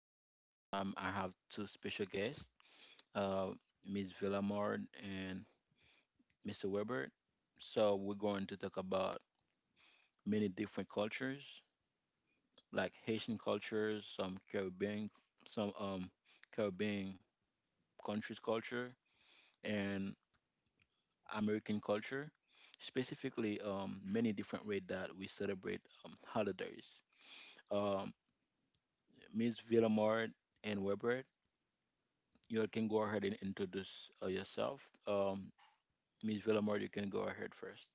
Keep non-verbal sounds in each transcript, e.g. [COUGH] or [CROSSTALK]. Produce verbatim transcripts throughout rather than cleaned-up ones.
And one more time, I have two special guests, uh, Miss Villamard and Mister Weber. So we're going to talk about many different cultures, like Haitian cultures, some Caribbean, some um Caribbean countries culture, and American culture. Specifically, um, many different ways that we celebrate um, holidays. Um, Miss Villamard and Weber, you can go ahead and introduce uh, yourself. Um, Miss Villamor, you can go ahead first.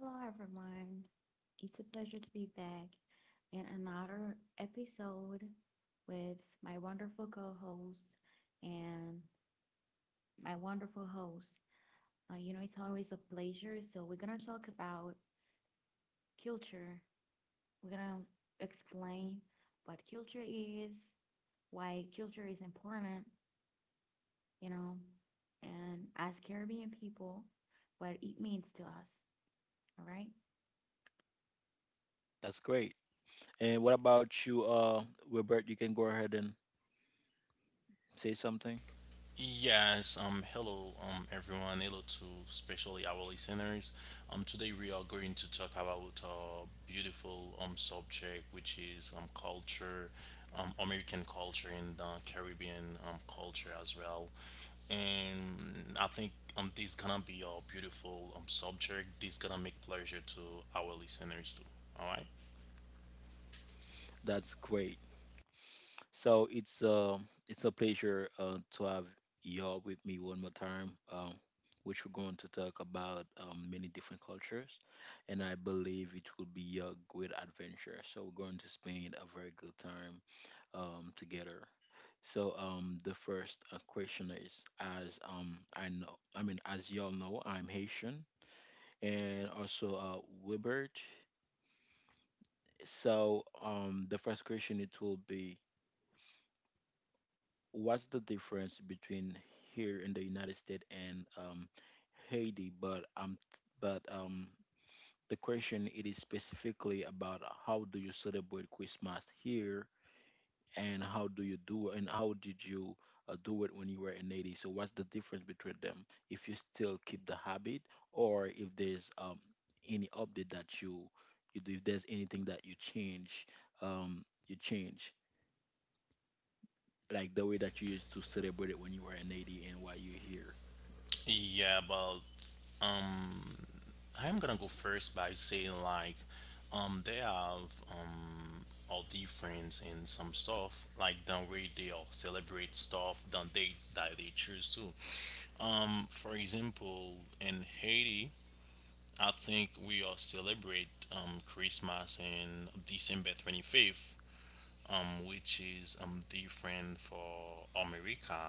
Hello, everyone. It's a pleasure to be back in another episode with my wonderful co host and my wonderful host. Uh, you know, it's always a pleasure. So, we're going to talk about culture. We're going to explain what culture is, why culture is important, you know, and as Caribbean people, what it means to us. All right. That's great. And what about you, uh, Wilbert? You can go ahead and say something. Yes, um, hello, um, everyone. Hello to especially our listeners. Um, today we are going to talk about a beautiful um subject, which is um culture, um American culture and uh, Caribbean um culture as well. And I think um this is gonna be a beautiful um subject. This gonna make pleasure to our listeners too. All right. That's great. So it's um it's a pleasure uh, to have y'all with me one more time, um, which we're going to talk about um, many different cultures, and I believe it will be a great adventure. So we're going to spend a very good time um, together. So um, the first uh, question is, as um, I know, I mean, as y'all know, I'm Haitian, and also uh, Wibert. So um, the first question it will be. What's the difference between here in the United States and um, Haiti? But um, but um, the question it is specifically about how do you celebrate Christmas here, and how do you do, and how did you uh, do it when you were in Haiti? So what's the difference between them? If you still keep the habit, or if there's um, any update that you, if there's anything that you change, um, you change like the way that you used to celebrate it when you were in Haiti and why you're here. Yeah, but um I'm gonna go first by saying like um they have um all difference in some stuff like the way they all celebrate stuff that they that they choose to. Um for example, in Haiti, I think we all celebrate um Christmas in December twenty fifth, um which is um different for America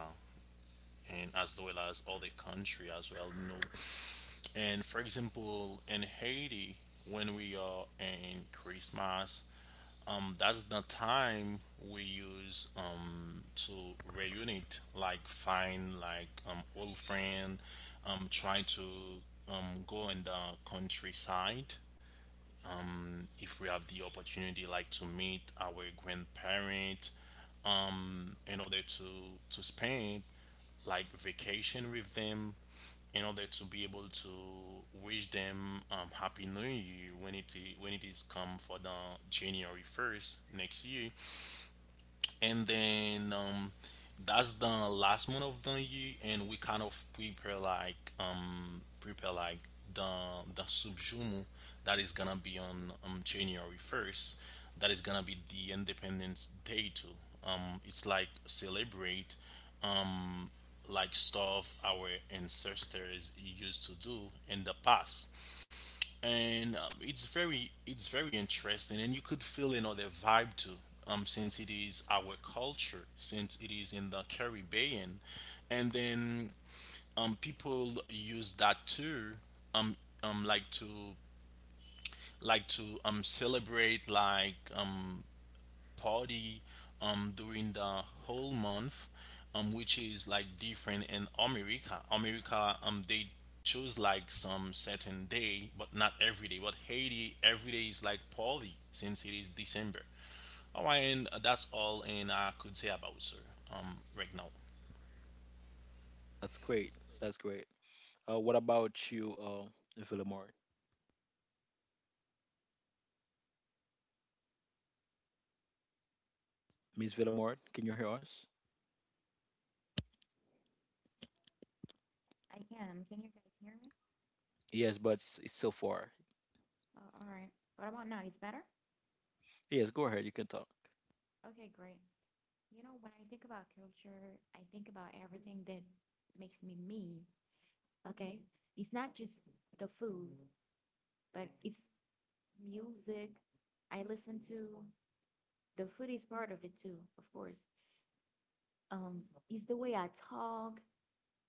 and as well as other country as well, you know. And for example, in Haiti, when we are in Christmas, um, that's the time we use um, to reunite, like find like um, old friend, um, try to um, go in the countryside if we have the opportunity, like to meet our grandparent in order to to spend like vacation with them in order to be able to wish them um, happy new year when it i- when it is come for the january first next year. And then um that's the last month of the year, and we kind of prepare like um prepare like the the subjumu that is gonna be on um january first, that is gonna be the independence day too. Um it's like celebrate um like stuff our ancestors used to do in the past. And um, it's very it's very interesting, and you could feel another vibe too, um, since it is our culture, since it is in the caribbean. And then um, people use that too, um, um, like to like to um, celebrate like um, party um, during the whole month, um, which is like different in America. America, um, they choose like some certain day, but not every day. But Haiti, every day is like party since it is December. All right, and uh, that's all, and I could say about sir um, right now. That's great. That's great. Uh, what about you, uh, Villamort? Miss Villamort, can you hear us? I can. Can you guys hear me? Yes, but it's, it's so far. Uh, all right. What about now? It's better? Yes, go ahead. You can talk. Okay, great. You know, when I think about culture, I think about everything that makes me me. Okay. It's not just the food, but it's music I listen to. The food is part of it too, of course. Um, it's the way I talk,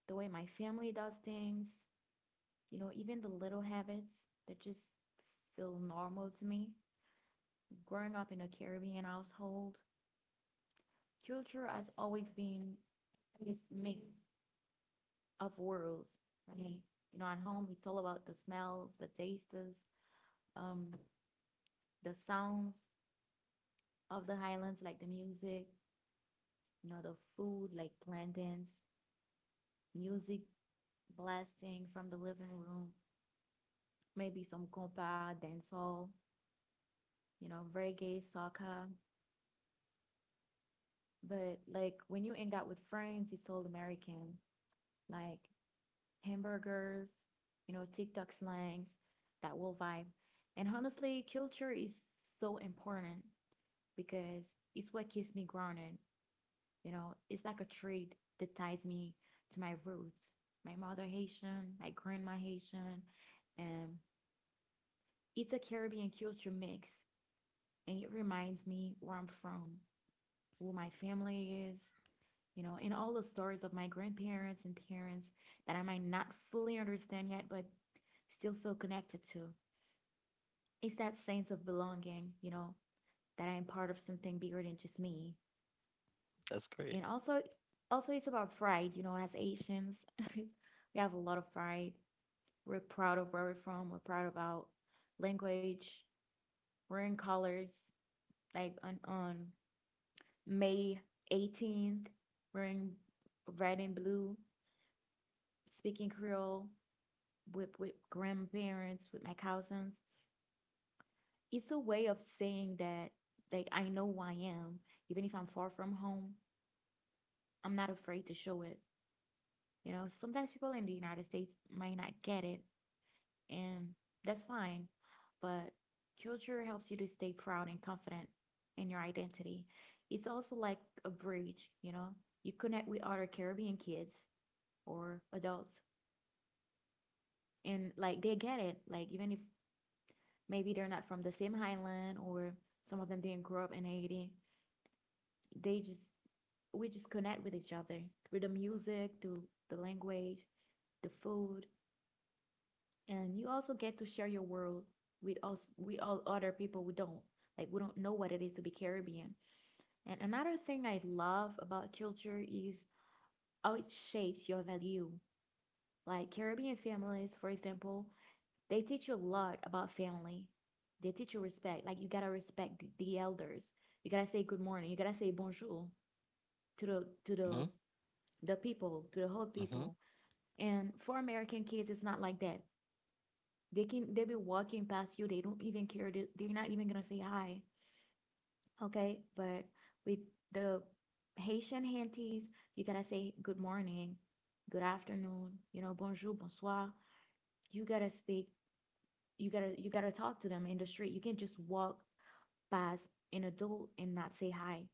the way my family does things, you know, even the little habits that just feel normal to me. Growing up in a Caribbean household, culture has always been this mix of worlds, right? You know, at home it's all about the smells, the tastes, um, the sounds of the highlands, like the music, you know, the food, like plantains, music blasting from the living room, maybe some compa, dancehall, you know, reggae, soccer. But like when you hang out with friends, it's all American. Like hamburgers, you know, TikTok slangs, that will vibe. And honestly, culture is so important because it's what keeps me grounded. You know, it's like a thread that ties me to my roots. My mother Haitian, my grandma Haitian, and it's a Caribbean culture mix, and it reminds me where I'm from, who my family is, you know, in all the stories of my grandparents and parents that I might not fully understand yet, but still feel connected to. It's that sense of belonging, you know, that I am part of something bigger than just me. That's And great. also, also it's about pride, you know, as Asians, [LAUGHS] we have a lot of pride. We're proud of where we're from. We're proud of our language. We're in colors. Like on, on May eighteenth, we're in red and blue, speaking Creole with with grandparents, with my cousins. It's a way of saying that like I know who I am, even if I'm far from home. I'm not afraid to show it. You know, sometimes people in the United States might not get it, and that's fine. But culture helps you to stay proud and confident in your identity. It's also like a bridge, you know. You connect with other Caribbean kids or adults, and like they get it. Like even if maybe they're not from the same highland or some of them didn't grow up in Haiti. They just We just connect with each other through the music, through the language, the food, and you also get to share your world with us with all other people who don't like we don't know what it is to be Caribbean. And another thing I love about culture is how it shapes your value. Like Caribbean families, for example, they teach you a lot about family. They teach you respect. Like you gotta respect the, the elders. You gotta say good morning. You gotta say bonjour to the to the hmm the people, to the whole hmm people. And for American kids, it's not like that. They can they be walking past you. They don't even care. They, they're not even gonna say hi. Okay, but with the Haitian Hanties, you gotta say good morning, good afternoon. You know, bonjour, bonsoir. You gotta speak. You gotta you gotta talk to them in the street. You can't just walk pass an adult and not say hi.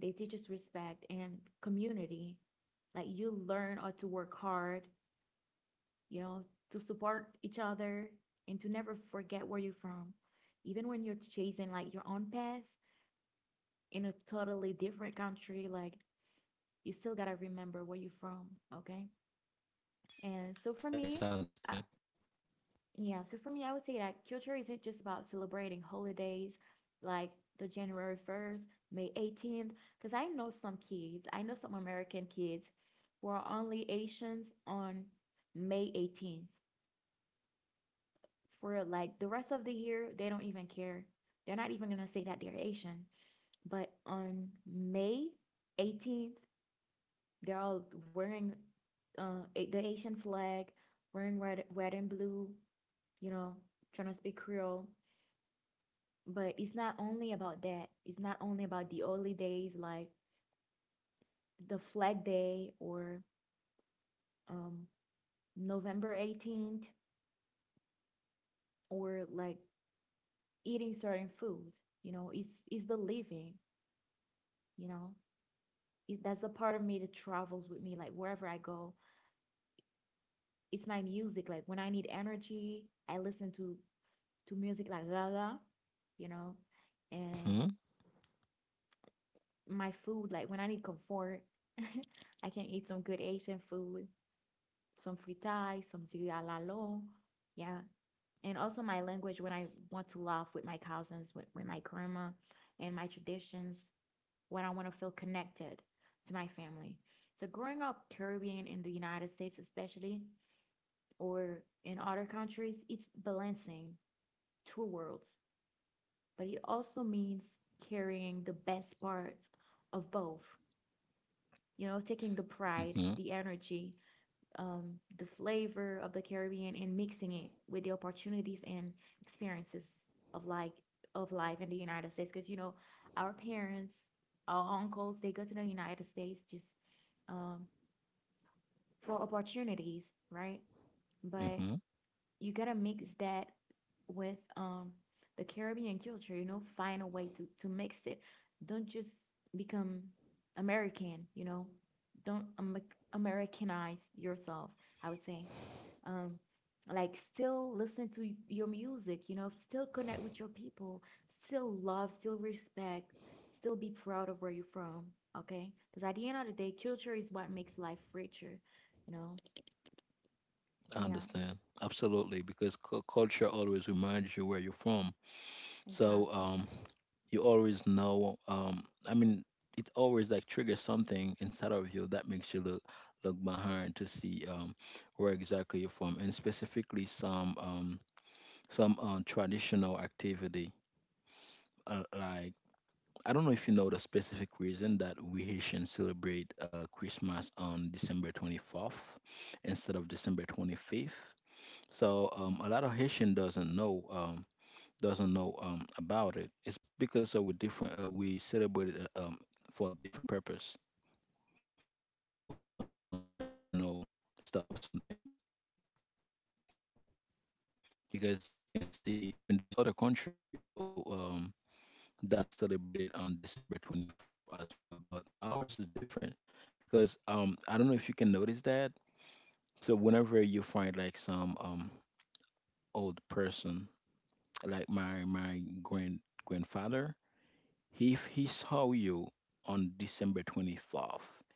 They teach us respect and community. Like you learn how to work hard, you know, to support each other and to never forget where you're from. Even when you're chasing like your own path in a totally different country, like you still gotta remember where you're from, okay? And so Yes, I for me, understand. I, yeah, so for me, I would say that culture isn't just about celebrating holidays like the January first, May eighteenth, because I know some kids, I know some American kids who are only Asians on May eighteenth. For like the rest of the year, they don't even care. They're not even gonna say that they're Asian. But on May eighteenth, they're all wearing uh, a- the Asian flag, wearing red, red and blue, you know, trying to speak Creole. But it's not only about that. It's not only about the early days like the Flag Day or um, November eighteenth or like eating certain foods. You know, it's it's the living, you know. It, that's the part of me that travels with me like wherever I go. It's my music. Like when I need energy, I listen to to music like Gaga, you know, and hmm my food like when I need comfort, [LAUGHS] I can eat some good Asian food some fritai, some tirialalo. Yeah. And also my language when I want to laugh with my cousins, with, with my grandma and my traditions, when I want to feel connected to my family. So growing up Caribbean in the United States especially or in other countries, it's balancing two worlds, but it also means carrying the best parts of both, you know, taking the pride, hmm the energy, um, the flavor of the Caribbean and mixing it with the opportunities and experiences of like of life in the United States. Because you know, our parents, our uncles, they go to the United States just um, for opportunities, right? But hmm you gotta mix that with um the Caribbean culture, you know, find a way to to mix it. Don't just become American, you know. Don't am- Americanize yourself, I would say. Um like still listen to your music, you know, still connect with your people, still love, still respect, still be proud of where you're from, okay? Because at the end of the day, culture is what makes life richer, you know. I Yeah, understand. Absolutely, because cu- culture always reminds you where you're from. So exactly. um, you always know. Um, I mean, it always like triggers something inside of you that makes you look look behind to see um, where exactly you're from, and specifically some um, some um, traditional activity. Uh, like I don't know if you know the specific reason that we Haitians celebrate uh, Christmas on December twenty-fourth instead of December twenty-fifth. So um, a lot of Haitian doesn't know. Um, doesn't know um, about it. It's because uh, we different. Uh, we celebrate it uh, um, for a different purpose, like uh, for some um, traditional stuff or something. Because you can see, I mean, there's other country oh, um, that celebrated on December twenty-fourth as well, but ours is different. Because um, I don't know if you can notice that. So whenever you find like some um, old person, like my my grand grandfather, he if he saw you on December twenty-fourth.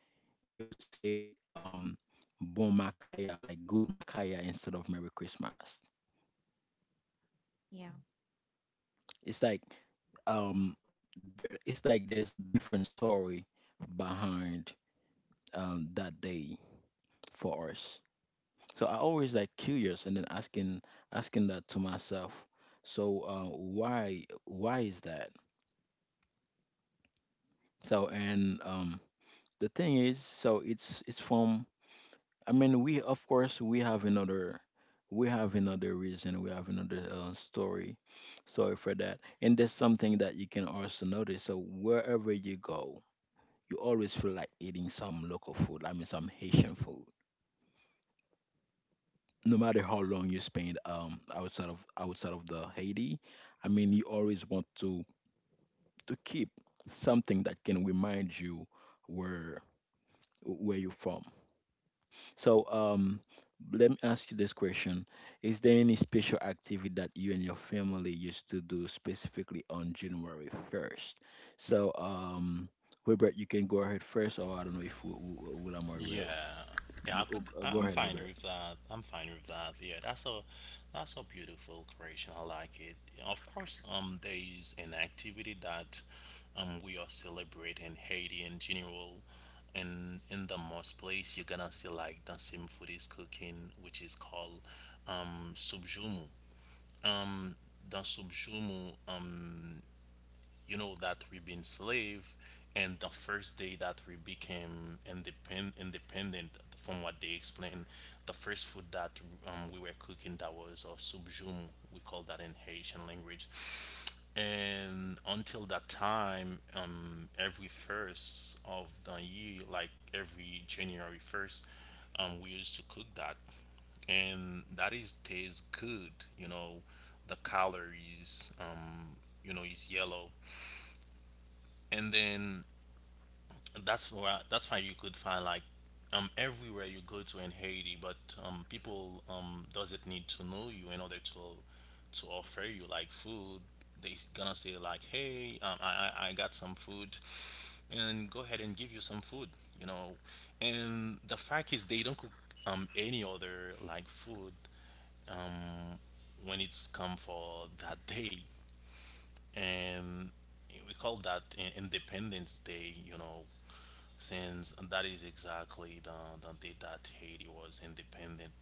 He would say, um, "Bon Makaya," like "Good Makaya" instead of "Merry Christmas." Yeah. It's like um, there. It's like there's a different story behind um, that day for us. So I always like curious and then asking asking that to myself. So uh, why why is that? So and um, The thing is, so it's it's from I mean, we of course we have another we have another reason, we have another uh, story, story for that, and that's something that you can also notice. So wherever you go, you always feel like eating some local food. I mean, some Haitian food. No matter how long you spend um outside of outside of the Haiti, I mean, you always want to to keep something that can remind you where where you're from. So, um, let me ask you this question. Is there any special activity that you and your family used to do specifically on January first? So, um, Wilbert, you can go ahead first, or I don't know if Wi- Wi- Willamor will. Yeah, yeah, I You go could. uh, I- go I'm ahead, fine Wilbert. with that. I'm fine with that. Yeah, that's a that's a beautiful creation. I like it. Of course, um, there is an activity that um we are celebrating Haiti in general, and in the most place you're gonna see like the same food is cooking, which is called um subjumu. The subjumu, you know that we've been slave, and the first day that we became independent, independent, from what they explained, the first food that um, we were cooking, that was a subjum, we call that in haitian language. And until that time, um, every first of the year, like every january first, um, we used to cook that, and that is tastes good, you know. The calories, um you know, is yellow. And then that's where that's why you could find like um everywhere you go to in Haiti. But um people um doesn't need to know you in order to to offer you like food. They gonna say like, hey, um, I I I got some food, and go ahead and give you some food, you know. And the fact is, they don't cook um any other like food when it's come for that day, and we call that i- Independence Day, you know, since that is exactly the, the day that Haiti was independent.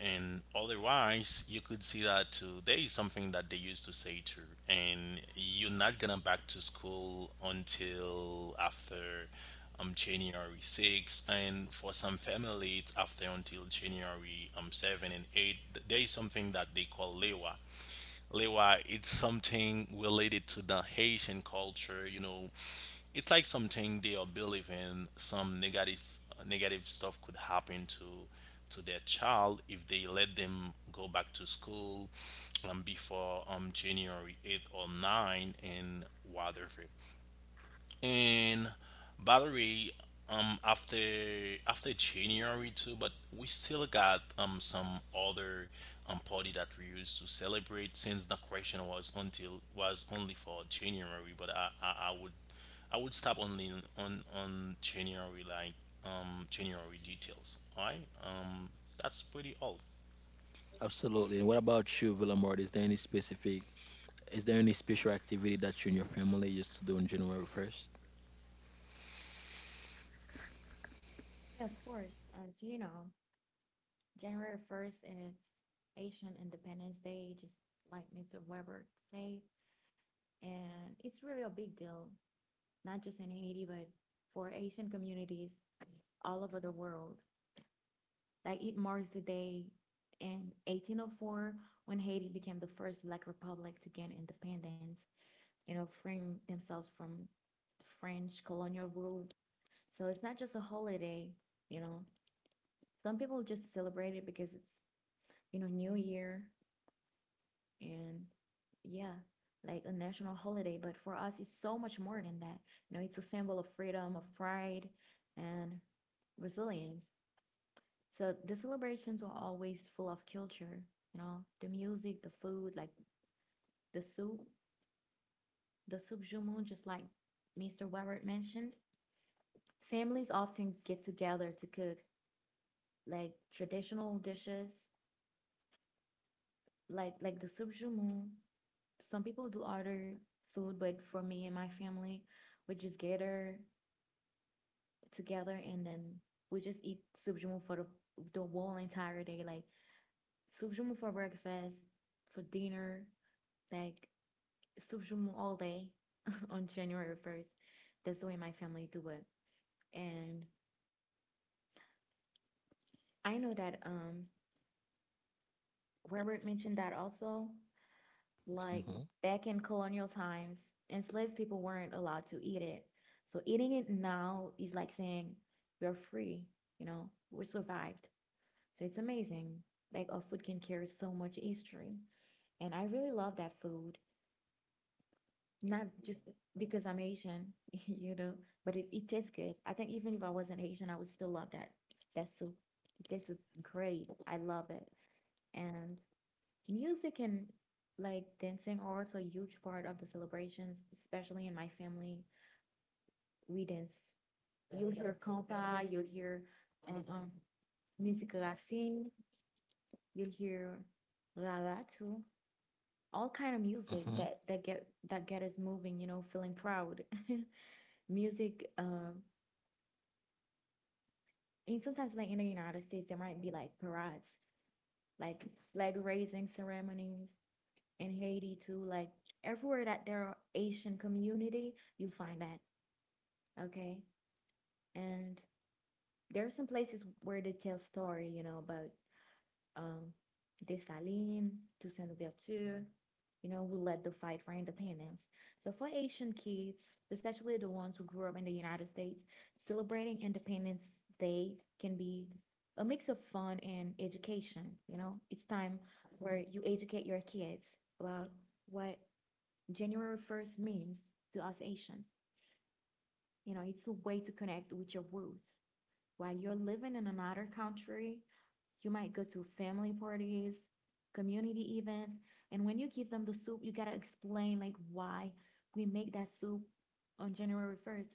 And otherwise, you could see that today is something that they used to say too. And you're not gonna back to school until after um January sixth, and for some family, it's after until January um seven and eight. There is something that they call lewa. Lewa, it's something related to the Haitian culture. You know, it's like something they are believing some negative negative stuff could happen to to their child if they let them go back to school, um, before um, January eighth or nine and whatever. And by the way, um, after after January too, but we still got um some other um party that we used to celebrate, since the question was until was only for January. But I I, I would I would stop only on on on January like um January details. Alright, um that's pretty all. Absolutely. And what about you, Willamor? Is there any specific, is there any special activity that you and your family used to do on January first? Yeah, of course. As you know, January first is Asian Independence Day, just like Mister Weber said. And it's really a big deal, not just in Haiti, but for Asian communities all over the world. Like it marks the day in eighteen oh four when Haiti became the first Black republic to gain independence, you know, freeing themselves from French colonial rule. So it's not just a holiday, you know. Some people just celebrate it because it's you know, New Year and yeah, like a national holiday. But for us, it's so much more than that. You know, it's a symbol of freedom, of pride, and resilience. So the celebrations are always full of culture, you know, the music, the food, like the soup, the soup jumu, just like Mister Weber mentioned. Families often get together to cook like traditional dishes, like like the soup jumu, some people do order food, but for me and my family, we just gather together and then we just eat subjumu for the, the whole entire day. Like subjumu for breakfast, for dinner, like subjumu all day [LAUGHS] on January first. That's the way my family do it. And I know that um Robert mentioned that also Mm-hmm. like back in colonial times, enslaved people weren't allowed to eat it. So eating it now is like saying we're free, you know, we survived. So it's amazing. Like our food can carry so much history. And I really love that food. Not just because I'm Asian, [LAUGHS] you know, but it, it tastes good. I think even if I wasn't Asian, I would still love that that soup. This is great. I love it. And music and like dancing are also a huge part of the celebrations, especially in my family. We dance. You'll hear compa, you'll hear um, um, music racine, you'll hear la la too. All kind of music Mm-hmm. that that get that get us moving, you know, feeling proud. [LAUGHS] Music, um, and sometimes like in the United States, there might be like parades, like flag raising ceremonies, in Haiti too. Like everywhere that there are Asian community, you find that. Okay. And there are some places where they tell story, you know, about um Dessalines, Toussaint Louverture, you know, who led the fight for independence. So for Asian kids, especially the ones who grew up in the United States, celebrating Independence Day can be a mix of fun and education, you know? It's time where you educate your kids about what January first means to us Asians. You know, it's a way to connect with your roots. While you're living in another country, you might go to family parties, community events, and when you give them the soup, you gotta explain like why we make that soup on January first,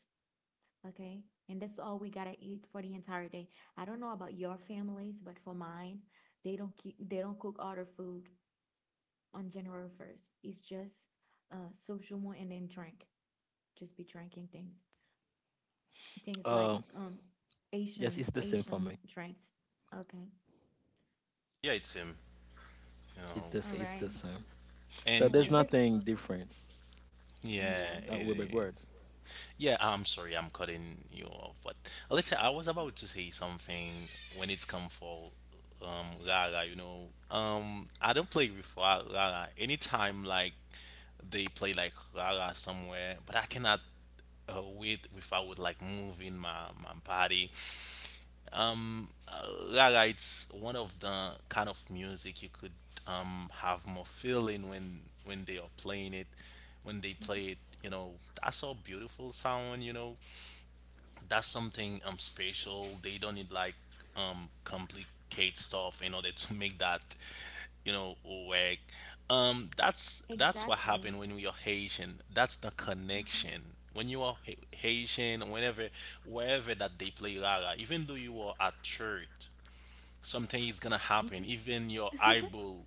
okay? And that's all we gotta eat for the entire day. I don't know about your families, but for mine, they don't keep they don't cook other food on January first. It's just uh social and then drink. Just be drinking things, things like Uh, um yes, Asian it's the same for Asian me. drinks. Okay. Yeah, it's him. You It's know, the, All s- It's the right. same. So and All there's you right. This nothing different. Uh, yeah. yeah Uh, Wilbert, it go. is. Yeah, I'm sorry, I'm cutting you off. But listen, I was about to say something when it's come for um Rara, you know. Um I don't play with Ra- Rara. Anytime like they play like Rara somewhere, but I cannot uh, wait without like moving my, my body. Um uh, rara, it's one of the kind of music you could um have more feeling when when they are playing it when they Mhm. play it, you know. That's so beautiful sound, you know, that's something um special. They don't need like um complicate stuff in order to make that, you know, work. Um, that's that's what Exactly. happened when we are Haitian. That's the Hmm. connection. When you are Ha- Haitian, whenever wherever that they play Rara, even though you are at church, something is gonna happen. Hmm. Even your [LAUGHS] eyeball,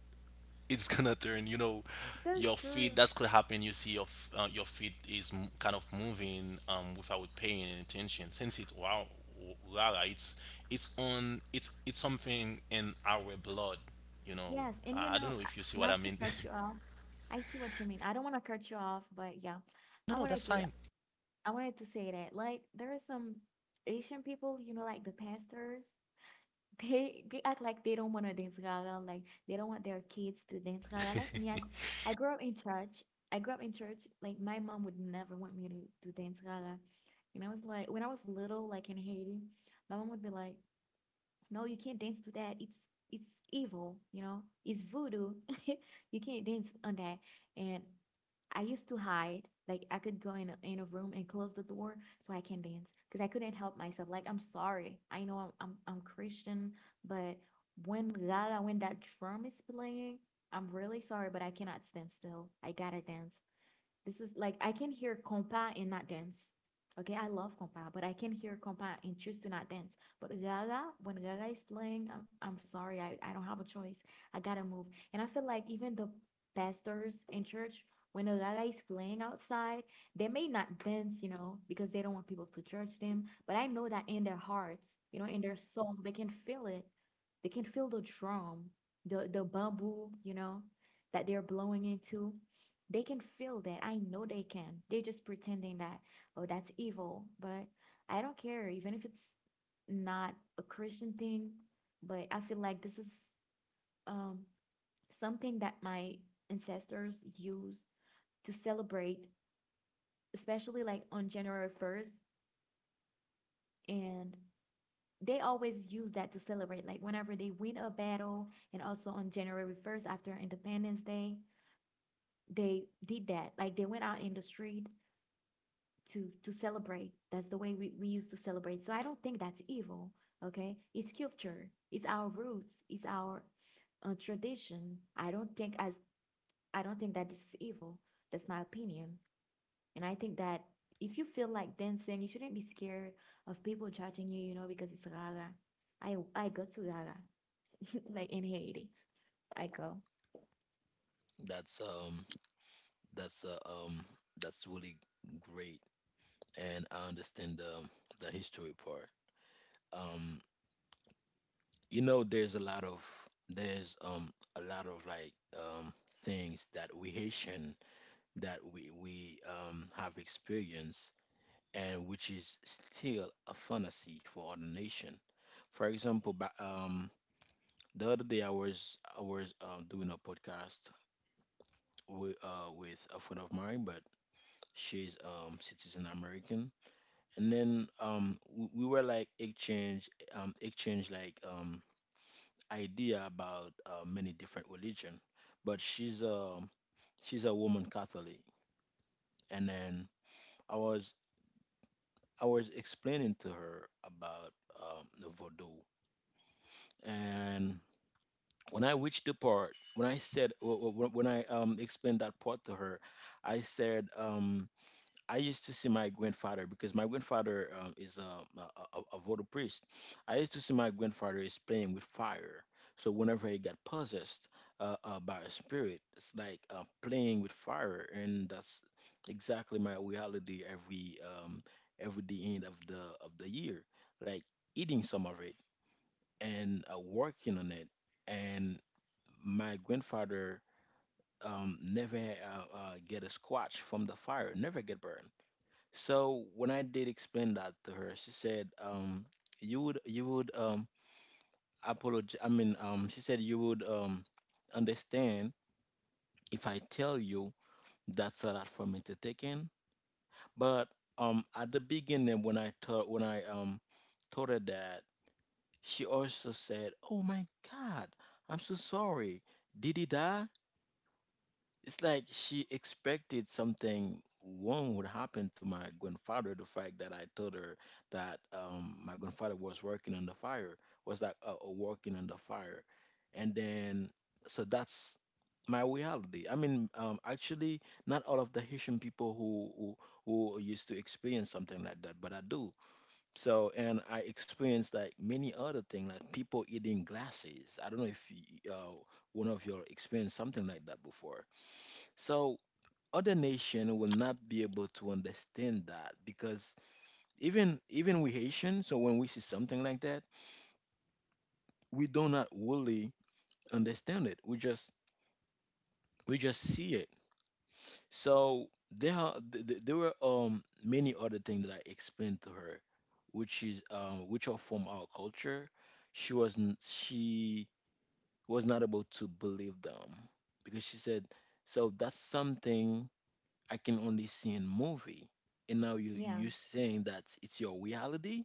it's gonna turn, you know. That's Your true. feet, that's could happen, you see your f- uh, your feet is m- kind of moving um without paying any attention, since it, wow, rara, it's it's on it's it's something in our blood, you know. Yes, and you i I don't know, know uh, if you see what I not to mean. cut you off. I see what you mean. I don't want to cut you off, but yeah, [LAUGHS] no I no wanted that's to fine. I wanted to say that, like, there are some Asian people, you know, like the pastors. [LAUGHS] they they act like they don't want to dance gaga, like they don't want their kids to dance gaga. Like me, I, gr- [LAUGHS] I grew up in church. I grew up in church. Like my mom would never want me to, to dance gaga. And I was like, when I was little, like in Haiti, my mom would be like, no, you can't dance to that. It's it's evil, you know. It's voodoo. [LAUGHS] You can't dance on that. And I used to hide. Like I could go in a, in a room and close the door so I can dance because I couldn't help myself. Like I'm sorry. I know I'm I'm, I'm Christian, but when la la when that drum is playing, I'm really sorry, but I cannot stand still. I gotta dance. This is like I can hear compa and not dance. Okay, I love compa, but I can hear compa and choose to not dance. But Gaga, when Gaga is playing, I'm, I'm sorry, I, I don't have a choice. I gotta move. And I feel like even the pastors in church, when Gaga is playing outside, they may not dance, you know, because they don't want people to judge them. But I know that in their hearts, you know, in their soul, they can feel it. They can feel the drum, the the bamboo, you know, that they're blowing into. They can feel that. I know they can. They're just pretending that, oh, that's evil. But I don't care, even if it's not a Christian thing. But I feel like this is um, something that my ancestors used to celebrate, especially like on January first. And they always use that to celebrate, like whenever they win a battle, and also on January first after Independence Day, they did that. Like they went out in the street to to celebrate. That's the way we, we used to celebrate. So I don't think that's evil. Okay, it's culture. It's our roots. It's our uh, tradition. I don't think as I don't think that this is evil. That's my opinion. And I think that if you feel like dancing, you shouldn't be scared of people judging you. You know, because it's Gaga. I I go to Gaga [LAUGHS] like in Haiti. I go. That's um that's uh, um that's really great and I understand the the history part. Um you know there's a lot of there's um a lot of like um things that we Haitian that we we um have experienced and which is still a fantasy for other nation. For example, ba- um the other day I was I was um doing a, and then um we, we were like exchange um exchange like um idea about uh, many different religion, but she's a she's a woman catholic, and then i was I was explaining to her about um the voodoo, and when I reached the part when I said wh- wh- when I um explained that part to her I said um I used to see my grandfather because my grandfather um, is um, a, a, a a voodoo priest. I used to see my grandfather is playing with fire. So whenever he got possessed uh, uh, by a spirit, it's like uh, playing with fire, and that's exactly my reality every um, every the end of the of the year. Like eating some of it and uh, working on it, and my grandfather um, never uh, uh, get a squash from the fire, never get burned. So when I did explain that to her, she said, um, you would you would um apologize. I mean, um, she said you would um understand if I tell you that's a lot for me to take in. But um, at the beginning when I told when I um told her that, she also said, "Oh my God, I'm so sorry. Did he die?" It's like she expected something wrong would happen to my grandfather. The fact that I told her that um, my grandfather was working on the fire was like uh, uh, working on the fire, and then so that's my reality. I mean, um, actually, not all of the Haitian people who, who who used to experience something like that, but I do. So, and I experienced like many other things, like people eating glasses. I don't know if you, uh, one of you all experienced something like that before. So other nation will not be able to understand that because even even we Haitian, so when we see something like that, we do not really understand it. We just we just see it. So there are th- th- there were um many other things that I explained to her, which is um which are from our culture. She wasn't she was not able to believe them because she said so that's something I can only see in movie. And now you Yeah, you saying that it's your reality?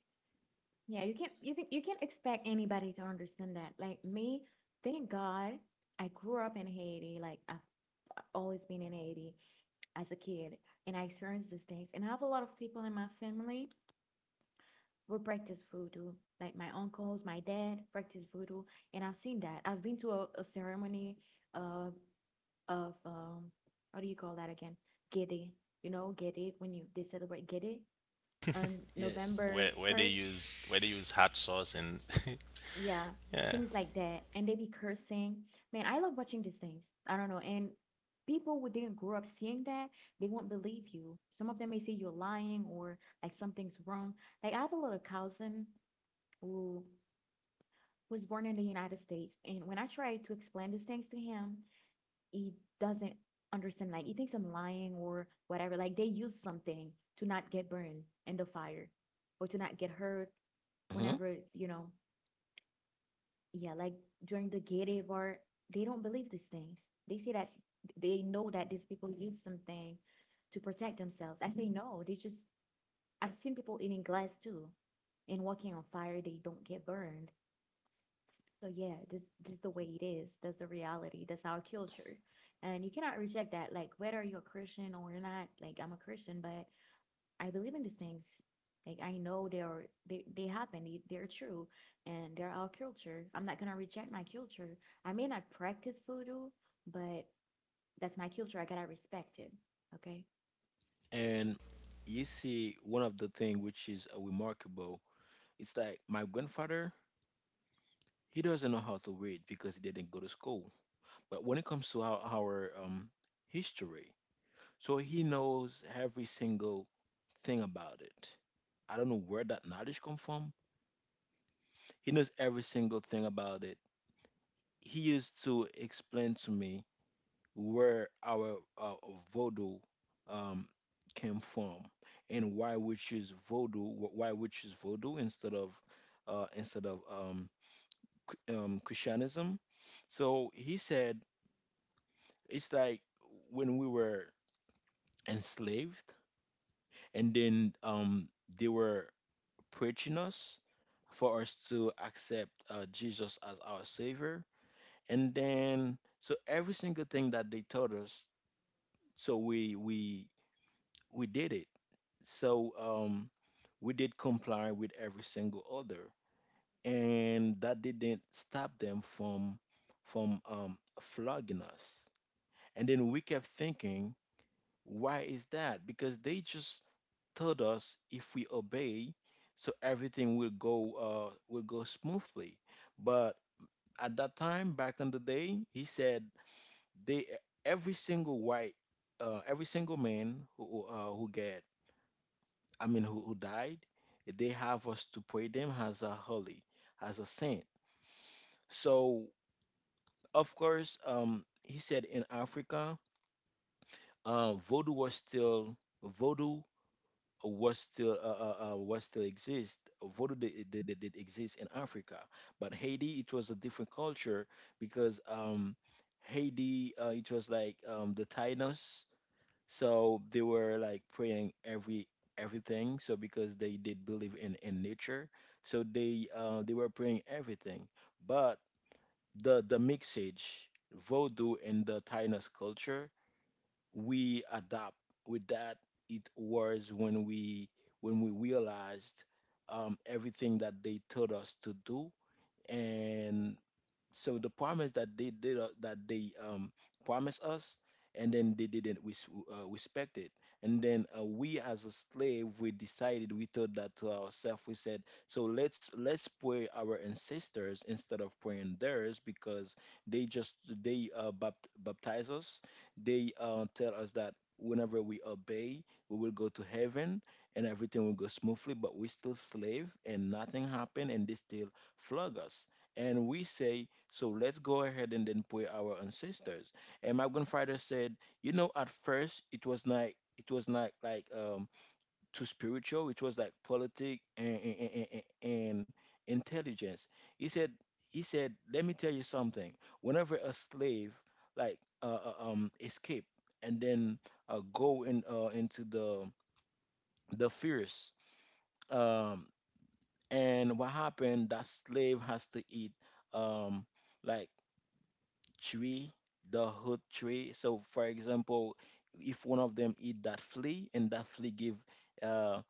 yeah. You can't you think you can't expect anybody to understand that. Like me, thank God, I grew up in Haiti. Like I've always been in Haiti, as a kid, and I experienced these things. And I have a lot of people in my family who practice voodoo, like my uncles, my dad practice voodoo, and I've seen that. I've been to a, a ceremony uh, of um, how do you call that again? Gede. You know, Gede when you they celebrate Gede Yes, on yes. November where where they first use Where they use hot sauce and [LAUGHS] Yeah, yeah. things like that. And they be cursing. Man, I love watching these things. I don't know. And people who didn't grow up seeing that, they won't believe you. Some of them may say you're lying or like something's wrong. Like I have a little cousin who was born in the United States, and when I try to explain these things to him, he doesn't understand. Like he thinks I'm lying or whatever. Like they use something to not get burned in the fire or to not get hurt hmm whenever, you know, yeah, like during the Gay part, they don't believe these things. They see that they know that these people use something to protect themselves. I say no, they just I've seen people eating glass too and walking on fire, they don't get burned. So yeah, this this is the way it is. That's the reality. That's our culture. And you cannot reject that. Like whether you're a Christian or not, like I'm a Christian, but I believe in these things. Like I know they are they, they happen, they, they're true, and they're our culture. I'm not gonna reject my culture. I may not practice voodoo, but that's my culture. I gotta respect it. Okay. And you see one of the thing which is uh, remarkable. It's like my grandfather, he doesn't know how to read because he didn't go to school. But when it comes to our, our um, history, so he knows every single thing about it. I don't know where that knowledge come from. He knows every single thing about it. He used to explain to me where our uh, voodoo um, came from and why we choose voodoo wh- why we choose voodoo instead of uh, instead of um, Ch- um, Christianism. So he said it's like when we were enslaved, and then um, they were preaching us for us to accept uh, Jesus as our savior, and then so every single thing that they taught us so we we we did it. So um, we did comply with every single order, and that didn't stop them from from um, flogging us. And then we kept thinking, why is that? Because they just told us if we obey, so everything will go uh, will go smoothly. But at that time, back in the day, he said they every single white, uh, every single man who uh, who get I mean, who, who died, they have us to pray them as a holy, as a saint. So, of course, um, he said in Africa, uh, voodoo was still voodoo was still uh, uh, uh, was still exist. Voodoo did, did, did did exist in Africa, but Haiti it was a different culture because um, Haiti uh, it was like um, the Taínos. So they were like praying every everything. So because they did believe in in nature, so they uh, they were praying everything. But the the mixage Vodou and the Taínos culture we adapt with that, it was when we when we realized um, everything that they told us to do. And so the promise that they did uh, that they um promised us, and then they didn't res- uh, respect it. And then uh, we, as a slave, we decided, we thought that to ourselves, we said, so let's let's pray our ancestors instead of praying theirs, because they just they uh, bapt- baptize us. They uh, tell us that whenever we obey, we will go to heaven and everything will go smoothly, but we still slave and nothing happened, and they still flog us. And we say, so let's go ahead and then pray our ancestors. And my grandfather said, you know, at first it was not, it was not like, um too spiritual. It was like politic, and and, and, and intelligence. He said he said, let me tell you something. Whenever a slave, like uh, uh, um escape and then uh, go in uh, into the the fierce, um and what happened, that slave has to eat, um like, tree, the hood tree. So, for example, if one of them eat that flea, and that flea give uh,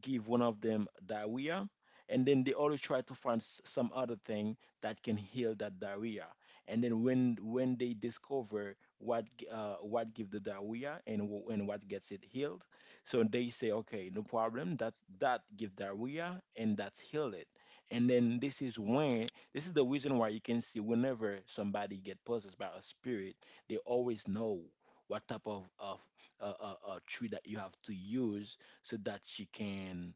give one of them diarrhea, and then they always try to find s- some other thing that can heal that diarrhea. And then, when when they discover what g- uh, what gives the diarrhea, and wh- and what gets it healed, so they say, okay, no problem. That's that give diarrhea, and that's heal it. And then, this is when this is the reason why you can see, whenever somebody get possessed by a spirit, they always know what type of of uh, uh, uh, tree that you have to use, so that you can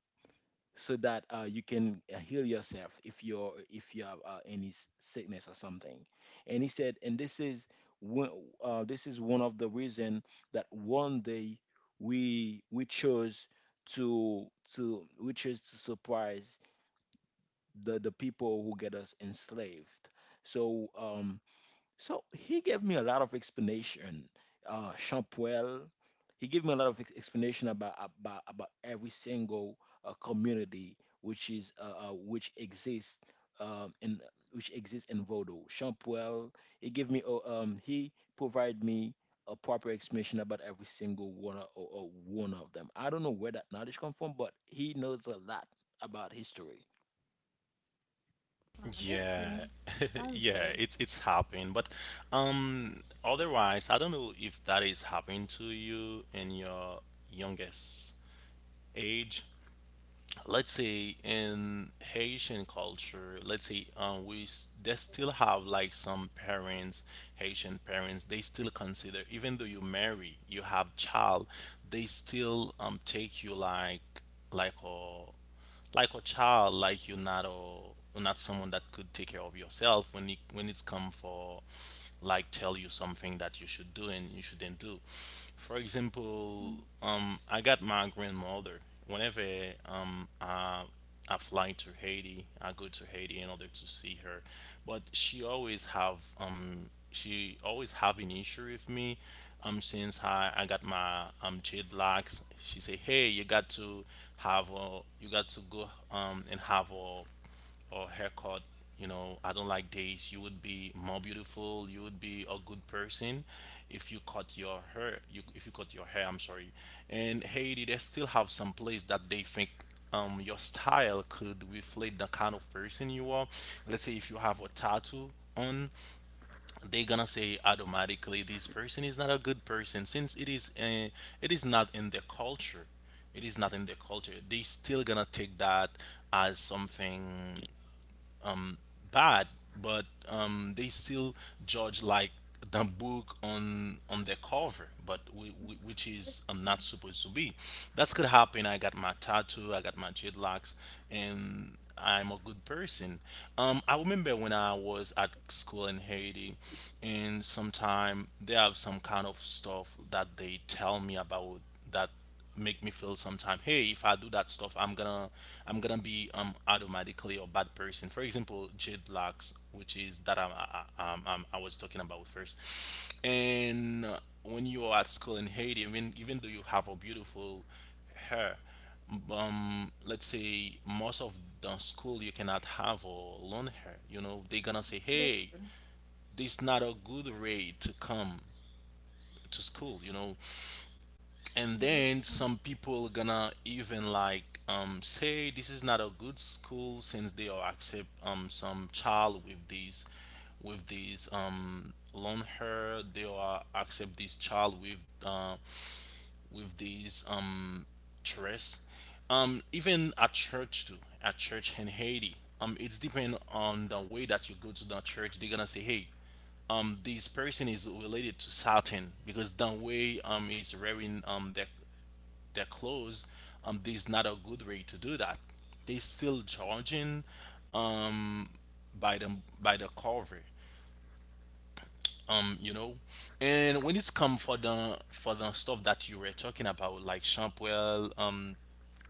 so that uh, you can uh, heal yourself if you're if you have uh, any s- sickness or something. And he said, and this is one uh, this is one of the reason that one day, we we chose to to we chose to surprise the the people who get us enslaved. So um so he gave me a lot of explanation. Uh, Champwell, he gave me a lot of ex- explanation about, about about every single, uh, community which is uh, uh, which exists um, in which exists in Vodo. Champwell, he gave me uh, um, he provided me a proper explanation about every single one o- o- o- one of them. I don't know where that knowledge comes from, but he knows a lot about history. Wow, that's cool. Yeah, [LAUGHS] Sounds yeah, good. it's it's happening. But um, otherwise, I don't know if that is happening to you in your youngest age. Let's say in Haitian culture, let's say um, we s- they still have like some parents, Haitian parents, they still consider, even though you marry, you have child, they still um take you like like a like a child, like you're not a not someone that could take care of yourself when it, when it's come for like tell you something that you should do and you shouldn't do. For example, Mm, um i got my grandmother, whenever um i I fly to haiti, I go to haiti in order to see her, but she always have um she always have an issue with me. Um since I, I got my um jet lags, she say, Hey, you got to have a you got to go um and have a a haircut, you know, I don't like this. You would be more beautiful, you would be a good person if you cut your hair, you if you cut your hair, I'm sorry. And Haiti, they still have some place that they think um, your style could reflect the kind of person you are. Let's say if you have a like, tattoo on, they're gonna say automatically this person is not a good person, since it is uh, it is not in their culture, it is not in their culture they still gonna take that as something bad. But um, they still judge like the book on on the cover, but we, we, mm. which That's is um, true. not supposed to be. That's could happen. I got my tattoo, I got my dreadlocks, and I'm a good person. Um, I remember when I was at school in Haiti, and sometime they have some kind of stuff that they tell me about, that make me feel sometime, hey, if I do that stuff, i'm gonna I'm gonna be um automatically a bad person. For example, jade locks, which is that i I- um, um, I was talking about first. And uh, when you are at school in haiti, even even though you have a beautiful hair, um let's say most of the school you cannot have a long hair, you know. They're gonna say, That's hey, true. this not a good way to come to school, you know. And Yeah, that's then true. some people gonna even like um, say this is not a good school, since they will accept um, some child with these with these um, long hair, they will accept this child with uh, with these um, dress. Um, even at church too, at church in haiti, um, it's depend on the way that you go to the church, they're gonna say, hey, um this person is related to Satan because the way um he's wearing um the their clothes, um, there's not a good way to do that. They still judging by the by the cover. Um, you know. And when it's come for the for the stuff that you were talking about, like shampoo, um,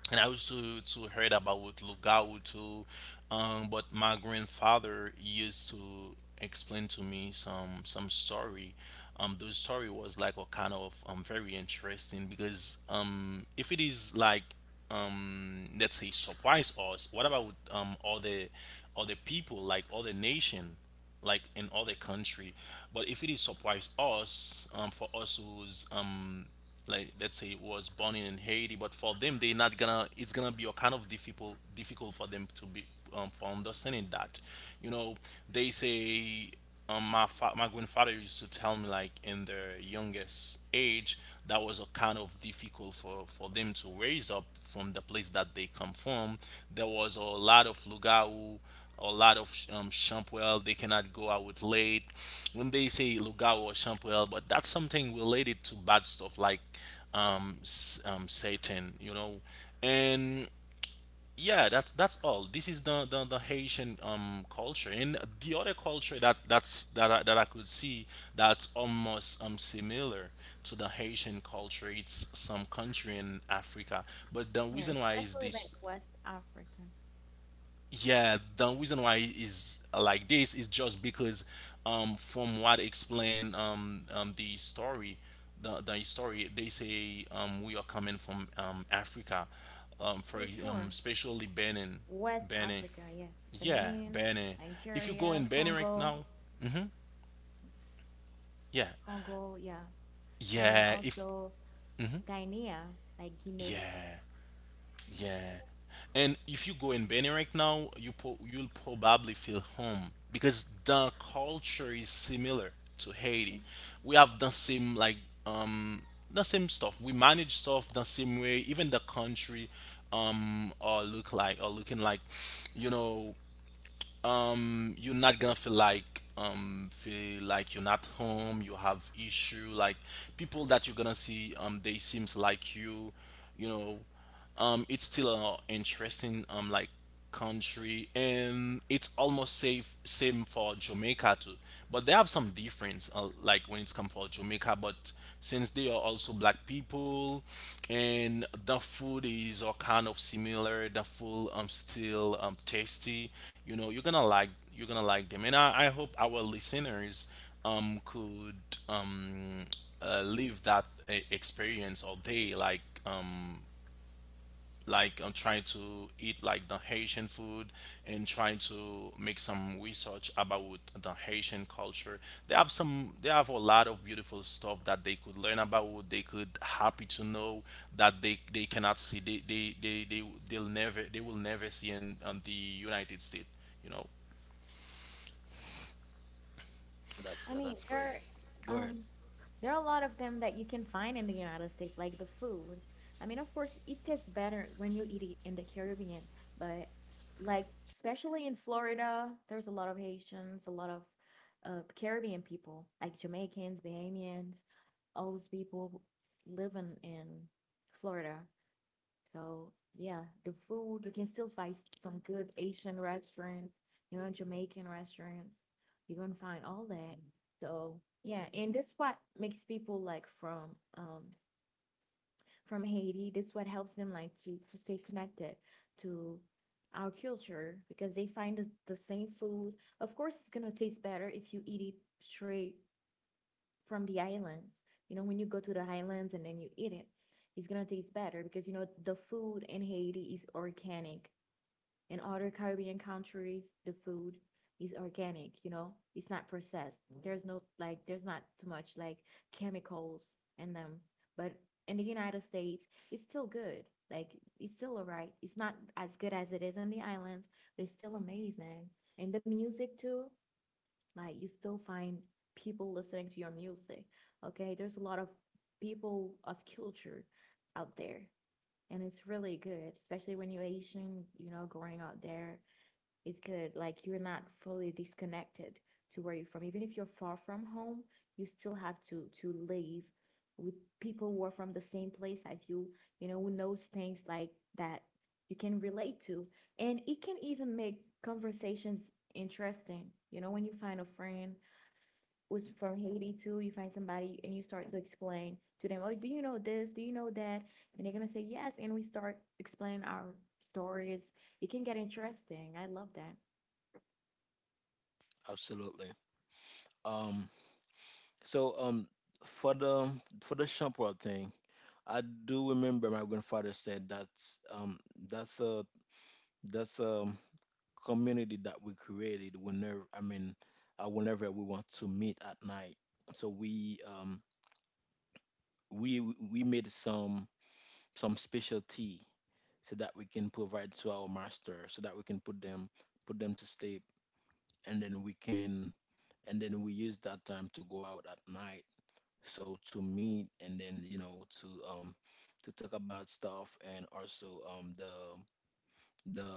and I used to to heard about Lugao too, um, but my grandfather used to explain to me some some story. Um, those story was like a kind of um, very interesting, because um, if it is like um, let's say surprise us, what about um, all the all the people like all the nation? Like in other country. But if it is surprise us, um, for us who's um like let's say was born in Haiti, but for them they not gonna it's gonna be a kind of difficult difficult for them to be um, for understanding that. You know, they say, um, my fa- my grandfather used to tell me like in their youngest age that was a kind of difficult for for them to raise up from the place that they come from. There was a lot of lugau, a lot of um, Champwell. They cannot go out late. When they say Lugawa or Champwell, but that's something related to bad stuff like, um, s- um, Satan, you know. And yeah, that's that's all. This is the the, the Haitian um, culture. And the other culture that that's that I, that I could see that's almost um, similar to the Haitian culture. It's some country in Africa, but the Yeah, reason why is especially like this. West Africa. Yeah, the reason why it is like this is just because, um, from what explain, um, um, the story, the, the story they say um, we are coming from um, Africa, um, for Yeah, ex- um, sure. especially Benin. West Benin. Africa, yeah. Yeah, Benin, Benin. If you go Nigeria, in Benin right Congo, now, yeah, Congo, yeah. And then yeah. If also Guinea, like Guinea. yeah. Yeah, Yeah. And if you go in Benin right now, you po- you'll probably feel home because the culture is similar to Haiti. that's true. We have the same like, um the same stuff. We manage stuff the same way. Even the country um or look like or looking like, you know, um you're not gonna feel like, um feel like you're not home. You have issue like people that you're gonna see, um they seems like you you know. Um it's still an interesting um like country, and it's almost safe same for Jamaica too. But they have some difference, uh, like when it's come for Jamaica. But since they are also black people, and the food is all kind of similar. The food um still um tasty, you know. You're gonna like, you're gonna like them. And i, I hope our listeners um could, um uh, live that uh, experience all day like, um like I'm trying to eat like the Haitian food and trying to make some research about the Haitian culture. They have some, they have a lot of beautiful stuff that they could learn about. They could happy to know that they they cannot see. They they they, they they'll never, they will never see in, in the United States, you know. I That's mean, that's great. there are, Go ahead. um there are a lot of them that you can find in the United States, like the food. I mean, of course, it tastes better when you eat it in the Caribbean, but like especially in Florida, there's a lot of Haitians, a lot of uh, Caribbean people, like Jamaicans, Bahamians, all those people live in, in Florida. So yeah, the food you can still find some good Asian restaurants, you know, Jamaican restaurants. You're gonna find all that. So yeah, and this what makes people like from um from Haiti. This what helps them like to, to stay connected to our culture because they find the, the same food. Of course, it's gonna taste better if you eat it straight from the islands. You know, when you go to the islands and then you eat it, it's gonna taste better because you know the food in Haiti is organic. In other Caribbean countries, the food is organic, you know, it's not processed. There's no like there's not too much, like, chemicals in them. But in the United States, it's still good. Like it's still alright. It's not as good as it is on the islands, but it's still amazing. And the music too, like you still find people listening to your music. Okay, there's a lot of people of culture out there, and it's really good, especially when you're Asian, you know growing out there. It's good. Like you're not fully disconnected to where you're from, even if you're far from home. You still have to to live with people who are from the same place as you, you know who knows things like that you can relate to. And it can even make conversations interesting, you know when you find a friend was from Haiti too, you find somebody and you start to explain to them, oh, do you know this? Do you know that? And they're gonna say yes, and we start explaining our stories. It can get interesting. I love that. Absolutely. Um, So um for the for the shampoo thing, I do remember my grandfather said that's um that's a that's a community that we created, whenever I mean uh, whenever we want to meet at night. So we um we we made some some special tea so that we can provide to our master, so that we can put them put them to sleep. And then we can and then we use that time to go out at night, so to meet and then, you know to um to talk about stuff, and also um the the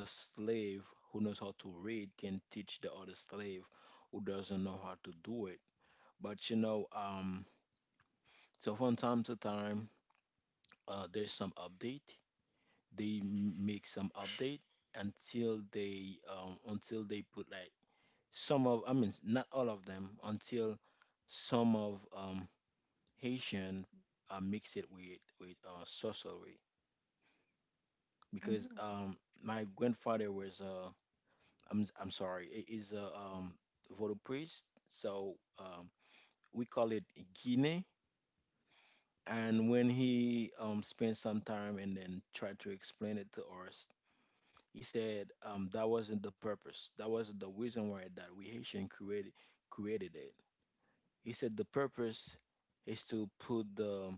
the slave who knows how to read can teach the other slave who doesn't know how to do it. But, you know um so from time to time, uh there's some update. They m- make some update until they um until they put, like, some of, I mean, not all of them, until some of um Haitian uh, mix it with with uh, sorcery, because Mm-hmm. um my grandfather was, uh I'm I'm sorry, i- is a um voodoo priest. So um we call it Guinea. And when he um spent some time and then tried to explain it to us, he said, um that wasn't the purpose, that wasn't the reason why that we Haitian created, created it. He said, the purpose is to put the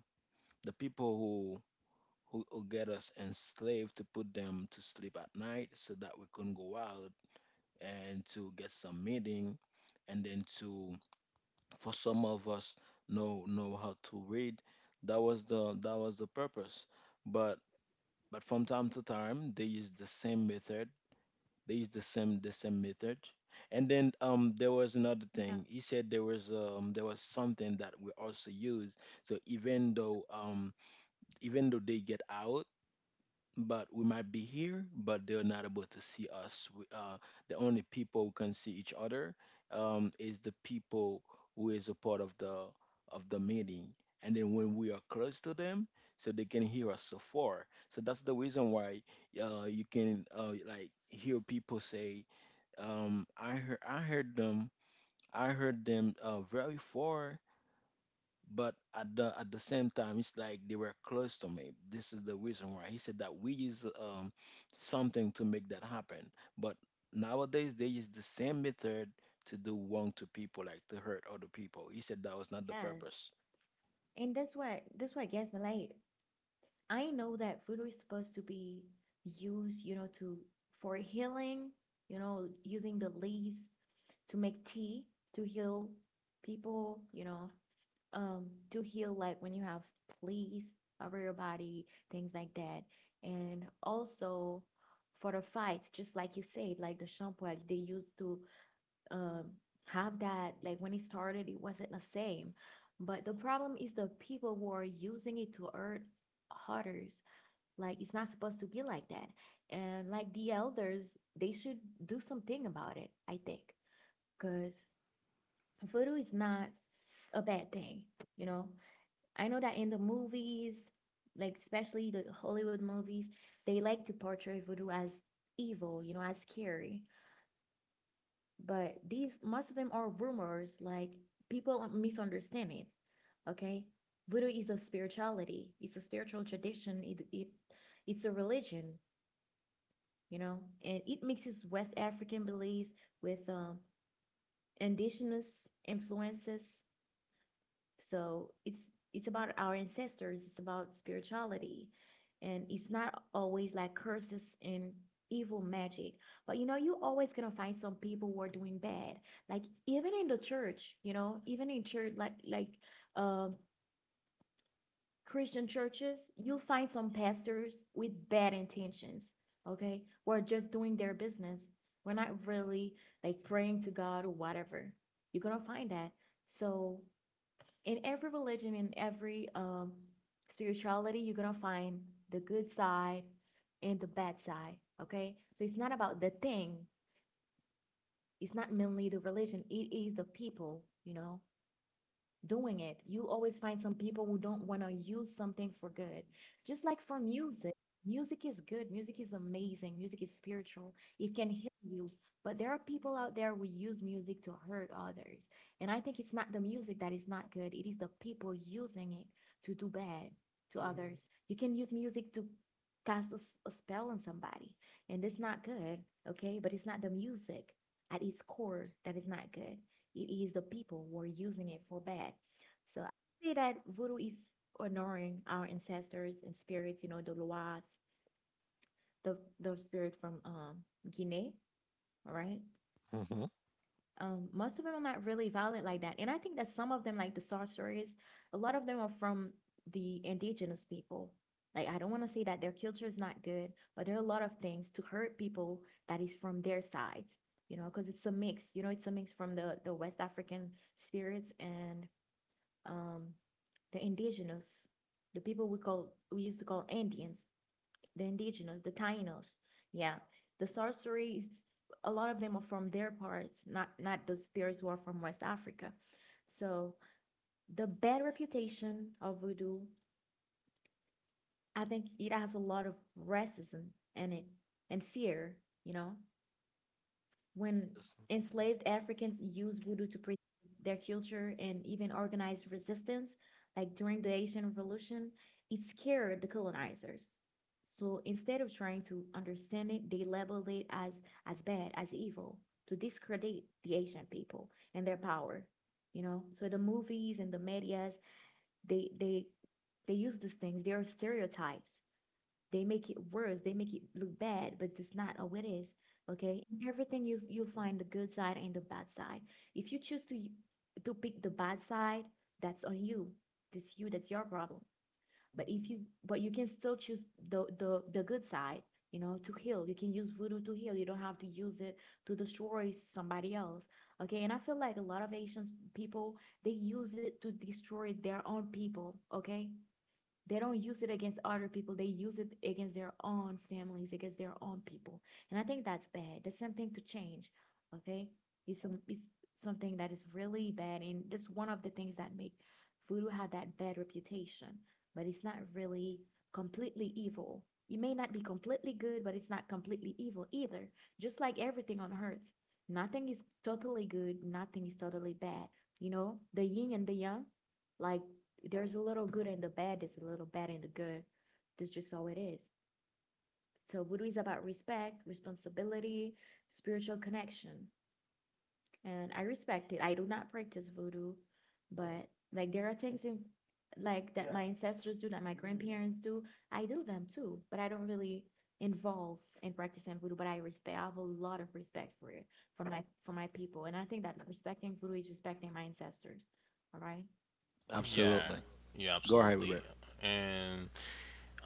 the people who, who get us enslaved, to put them to sleep at night, so that we couldn't go out and to get some meeting, and then to for some of us know know how to read. That was the that was the purpose. But but from time to time, they use the same method, they use the same the same method and then um there was another Yeah. thing. He said there was, um there was something that we also use, so even though, um even though they get out, but we might be here, but they're not able to see us. We, uh, the only people who can see each other, um, is the people who is a part of the of the meeting. And then when we are close to them, so they can hear us so far. So that's the reason why uh, you can, uh, like, hear people say, um, "I heard, I heard them, I heard them, uh, very far," but at the at the same time it's like they were close to me. This is the reason why he said that we use um something to make that happen. But nowadays they use the same method to do wrong to people, like to hurt other people. He said that was not the Yes. purpose. And that's what that's what gets me. Like I know that voodoo is supposed to be used, you know, to for healing, you know, using the leaves to make tea to heal people, you know, um to heal, like, when you have fleas over your body, things like that. And also for the fights, just like you said, like the shampoo, like, they used to um have that. Like when it started, it wasn't the same, but the problem is the people who are using it to hurt others. Like it's not supposed to be like that. And like the elders, they should do something about it, I think, because voodoo is not a bad thing you know I know that in the movies, like especially the Hollywood movies, they like to portray voodoo as evil, you know, as scary. But these, most of them are rumors, like people misunderstand it. Okay? Voodoo is a spirituality, it's a spiritual tradition, it, it it's a religion, you know, and it mixes West African beliefs with um, indigenous influences. So it's it's about our ancestors, it's about spirituality. And it's not always like curses and evil magic. But you know, you always gonna find some people who are doing bad. Like even in the church, you know, even in church, like like um Christian churches, you'll find some pastors with bad intentions, okay? Who are just doing their business. We're not really like praying to God or whatever. You're gonna find that. So in every religion, in every um, spirituality, you're gonna find the good side and the bad side. Okay, so it's not about the thing. It's not mainly the religion. It is the people. You know, doing it. You always find some people who don't want to use something for good. Just like for music, music is good, music is amazing, music is spiritual, it can heal you. But there are people out there who use music to hurt others. And I think it's not the music that is not good, it is the people using it to do bad to, mhm, others. You can use music to cast a, s- a spell on somebody, and it's not good, okay? But it's not the music at its core that is not good, it is the people who are using it for bad. So I say that voodoo is honoring our ancestors and spirits, you know, the Loas, the the spirit from um Guinea, all right? Hmm. Um, most of them are not really violent like that. And I think that some of them, like the sorcerers, a lot of them are from the indigenous people. Like I don't want to say that their culture is not good, but there are a lot of things to hurt people that is from their side, you know, because it's a mix, you know, it's a mix from the the West African spirits and um, the indigenous, the people we call we used to call Indians, the indigenous, the Tainos. Yeah, the sorceries. A lot of them are from their parts, not not the spirits who are from West Africa. So the bad reputation of voodoo, I think it has a lot of racism in it and fear. You know, when Yes. enslaved Africans used voodoo to preserve their culture and even organize resistance, like during the Haitian Revolution, it scared the colonizers. So instead of trying to understand it, they labeled it as, as bad, as evil, to discredit the Haitian people and their power. You know, so the movies and the medias, they they they use these things. They are stereotypes, they make it worse. They make it look bad, but that's not how it is. Okay. In everything you you'll find the good side and the bad side. If you choose to to pick the bad side, that's on you. That's you. That's your problem. But if you But you can still choose the the the good side. You know, to heal. You can use voodoo to heal. You don't have to use it to destroy somebody else. Okay, and I feel like a lot of Asians people they use it to destroy their own people. Okay, they don't use it against other people. They use it against their own families, against their own people. And I think that's bad. That's something to change. Okay? It's some it's something that is really bad. And that's one of the things that make voodoo have that bad reputation. But it's not really completely evil. It may not be completely good, but it's not completely evil either. Just like everything on earth. Nothing is totally good, nothing is totally bad. You know, the yin and the yang, like there's a little good in the bad, there's a little bad in the good. That's just how it is. So voodoo is about respect, responsibility, spiritual connection. And I respect it. I do not practice voodoo, but like there are things in like that, yeah, my ancestors do, that my grandparents do. I do them too, but I don't really involve in practicing voodoo, but I respect I have a lot of respect for it, for my for my people. And I think that respecting voodoo is respecting my ancestors. All right. Yeah, Absolutely. yeah, Go ahead, absolutely. Robert. And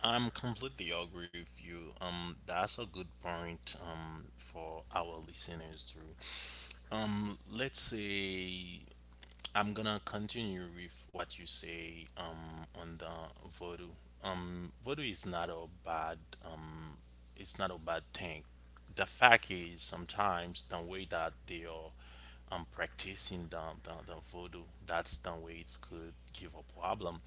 I'm completely agree with you. Um, that's a good point um, for our listeners too. Um, let's say I'm gonna continue with what you say um on the voodoo. Um, Voodoo is not a bad, um, it's not a bad thing. The fact is sometimes the way that they are um practicing the the, the voodoo, that's the way it could give a problem.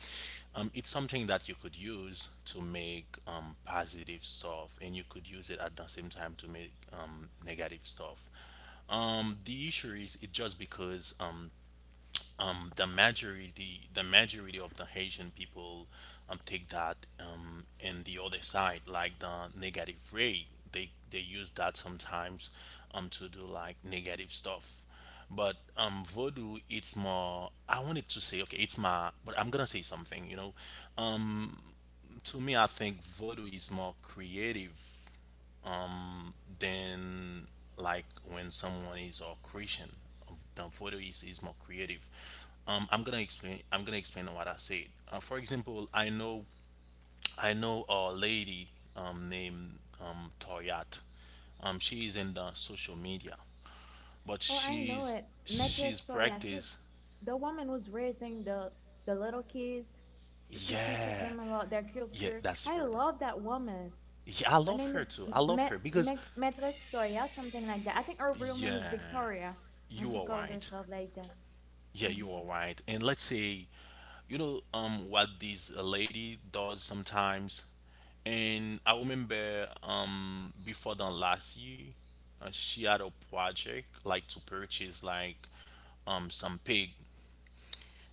Um, it's something that you could use to make um positive stuff, and you could use it at the same time to make um negative stuff. Um, the issue is it just because um um, the majority the majority of the Haitian people um, take that, um, and the other side like the negative way, they they use that sometimes um, to do like negative stuff. But um voodoo, it's more, I wanted to say okay it's my, but I'm gonna say something, you know. To me I think Vodou is more creative than like when someone is a Christian. um, The photo is, is more creative. Um, I'm gonna explain. I'm gonna explain what I said. Uh, for example, I know I know a lady um, named um, Toyat. Um, she is in the social media, but Oh, I know she's it. Maîtresse she's Toya, she's practiced. the woman who's raising the the little kids. She, she teaches Yeah, them about their yeah, culture. that's I her. love that woman. Yeah, I Her love name is her too. I love Ma- her because Ma- Maîtresse Toya, something like that. I think her real name is yeah, Victoria, and you she are calls right. herself like that. Yeah, you Mm-hmm. are right. And let's say, you know, um, what this uh, lady does sometimes. And I remember, um, before the last year, uh, she had a project like to purchase like, um, some pig.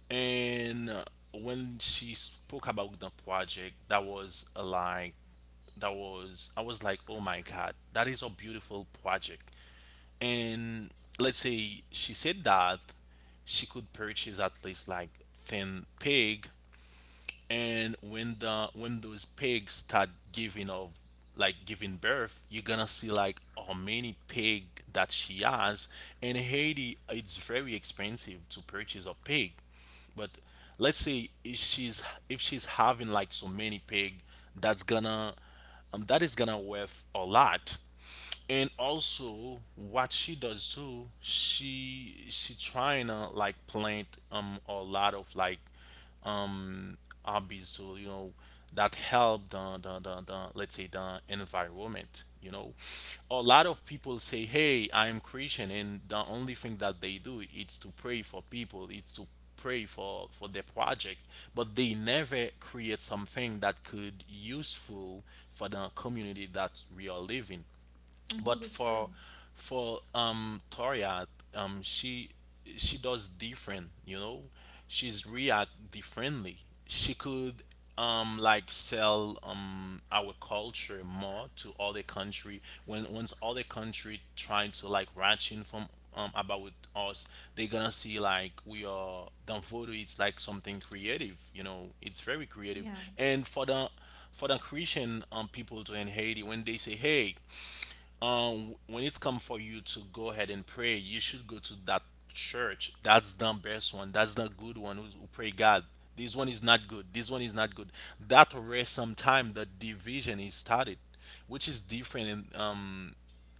And uh, when she spoke about the project, that was uh, like, that was I was like, oh my god, that is a beautiful project. And let's say she said that she could purchase at least like ten pig. And when the, when those pigs start giving of, like giving birth, you're gonna see like how many pig that she has. In Haiti it's very expensive to purchase a pig. But let's say if she's, if she's having like so many pig, that's gonna um, that is gonna worth a lot. And also what she does too, she she trying to like plant um a lot of like um hobbies, so you know that help the, the the the let's say the environment, you know. A lot of people say hey I am Christian, and the only thing that they do is to pray for people, it's to pray for for their project, but they never create something that could useful for the community that we are living. Mm-hmm. But That's for true. for um Toria, um she she does different, you know. She's react differently. She could um like sell um our culture more to other country. When once other country trying to like ratchet from um about us, they gonna see like we are Danfodo, it's like something creative, you know, it's very creative. Yeah, And for the, for the Christian um people to in Haiti, when they say hey um when it's come for you to go ahead and pray, you should go to that church, that's the best one, that's the good one who, who pray God. This one is not good, this one is not good. That way sometime the division is started. Which is different in, um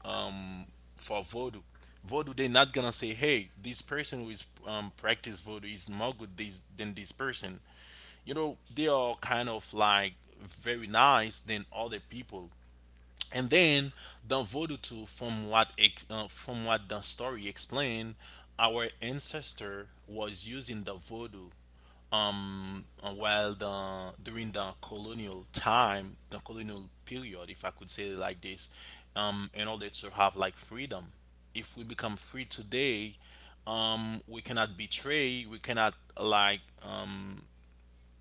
um for voodoo. Voodoo, they're not gonna say hey this person who is um practice voodoo is more good this, than this person, you know. They are kind of like very nice than other people. And then the Voodoo, from what ex- uh, from what the story explained, our ancestor was using the Voodoo uh, while the during the colonial time, the colonial period, if I could say it like this, um, in order to have like freedom. If we become free today, um, we cannot betray, we cannot like. Um,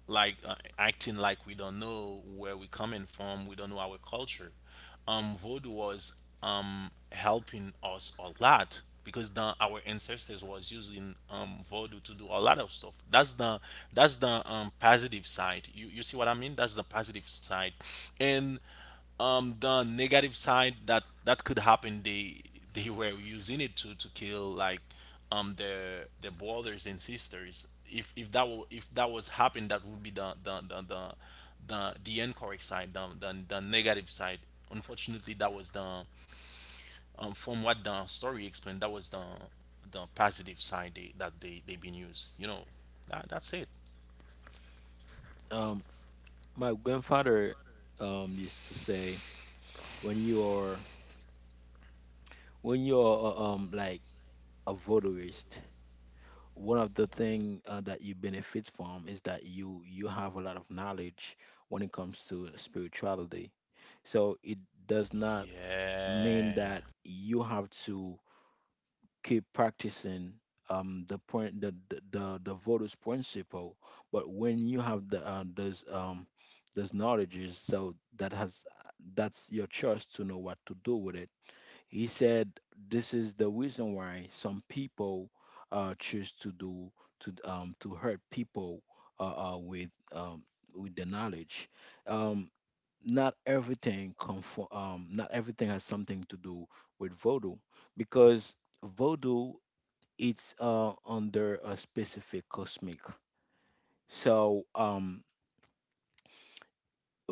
Like uh, acting like we don't know where we're coming from, we don't know our culture. Um, Voodoo was um, helping us a lot because the, our ancestors was using um, voodoo to do a lot of stuff. That's the, that's the um, positive side. You you see what I mean? That's the positive side. And um, the negative side that that could happen, They they were using it to to kill like um their their brothers and sisters. if if that will, if that was happened, that would be the the the the the, the incorrect side, the, the the negative side. Unfortunately that was the um from what the story explained, that was the the positive side they, that they they've been used, you know. That that's it. um my grandfather um used to say, when you are, when you're um like a voodooist, one of the thing, uh, that you benefit from, is that you you have a lot of knowledge when it comes to spirituality. So it does not mean Yeah. that you have to keep practicing, um the point the the the, the Vodus principle, but when you have the uh, those, um those knowledges, so that has that's your choice to know what to do with it. He said, this is the reason why some people, uh, choose to do to um, to hurt people, uh, uh, with um, with the knowledge. Um, Not everything conform, um, not everything has something to do with voodoo, because voodoo, it's, uh, under a specific cosmic. So um,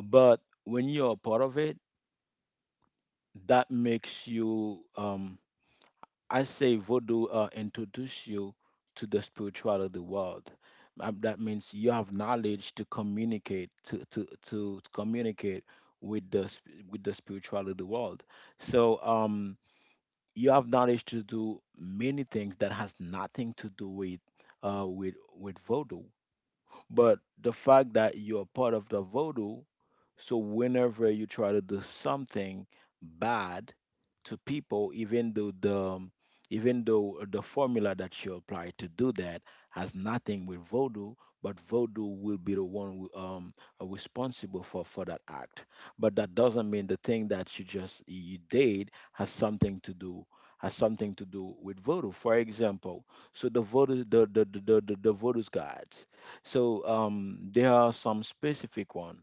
but when you're a part of it, that makes you um, I say voodoo, uh, introduce you to the spirituality world. Um, that means you have knowledge to communicate to to to communicate with the sp- with the spirituality world. So, um, you have knowledge to do many things that has nothing to do with uh with with voodoo. But the fact that you're part of the voodoo, so whenever you try to do something bad to people, even though the um, even though the formula that you apply to do that has nothing with voodoo, but voodoo will be the one who, um, uh, responsible for, for that act. But that doesn't mean the thing that you just you did has something to do has something to do with voodoo. For example, so the voodoo, the the the the, the, the voodoo's gods. So, um, there are some specific one,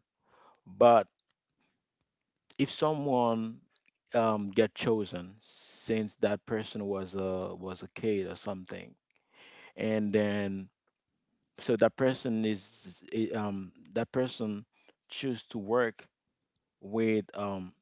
but if someone, um, get chosen since that person was a was a kid or something, and then, so that person is i- um, that person choose to work with um,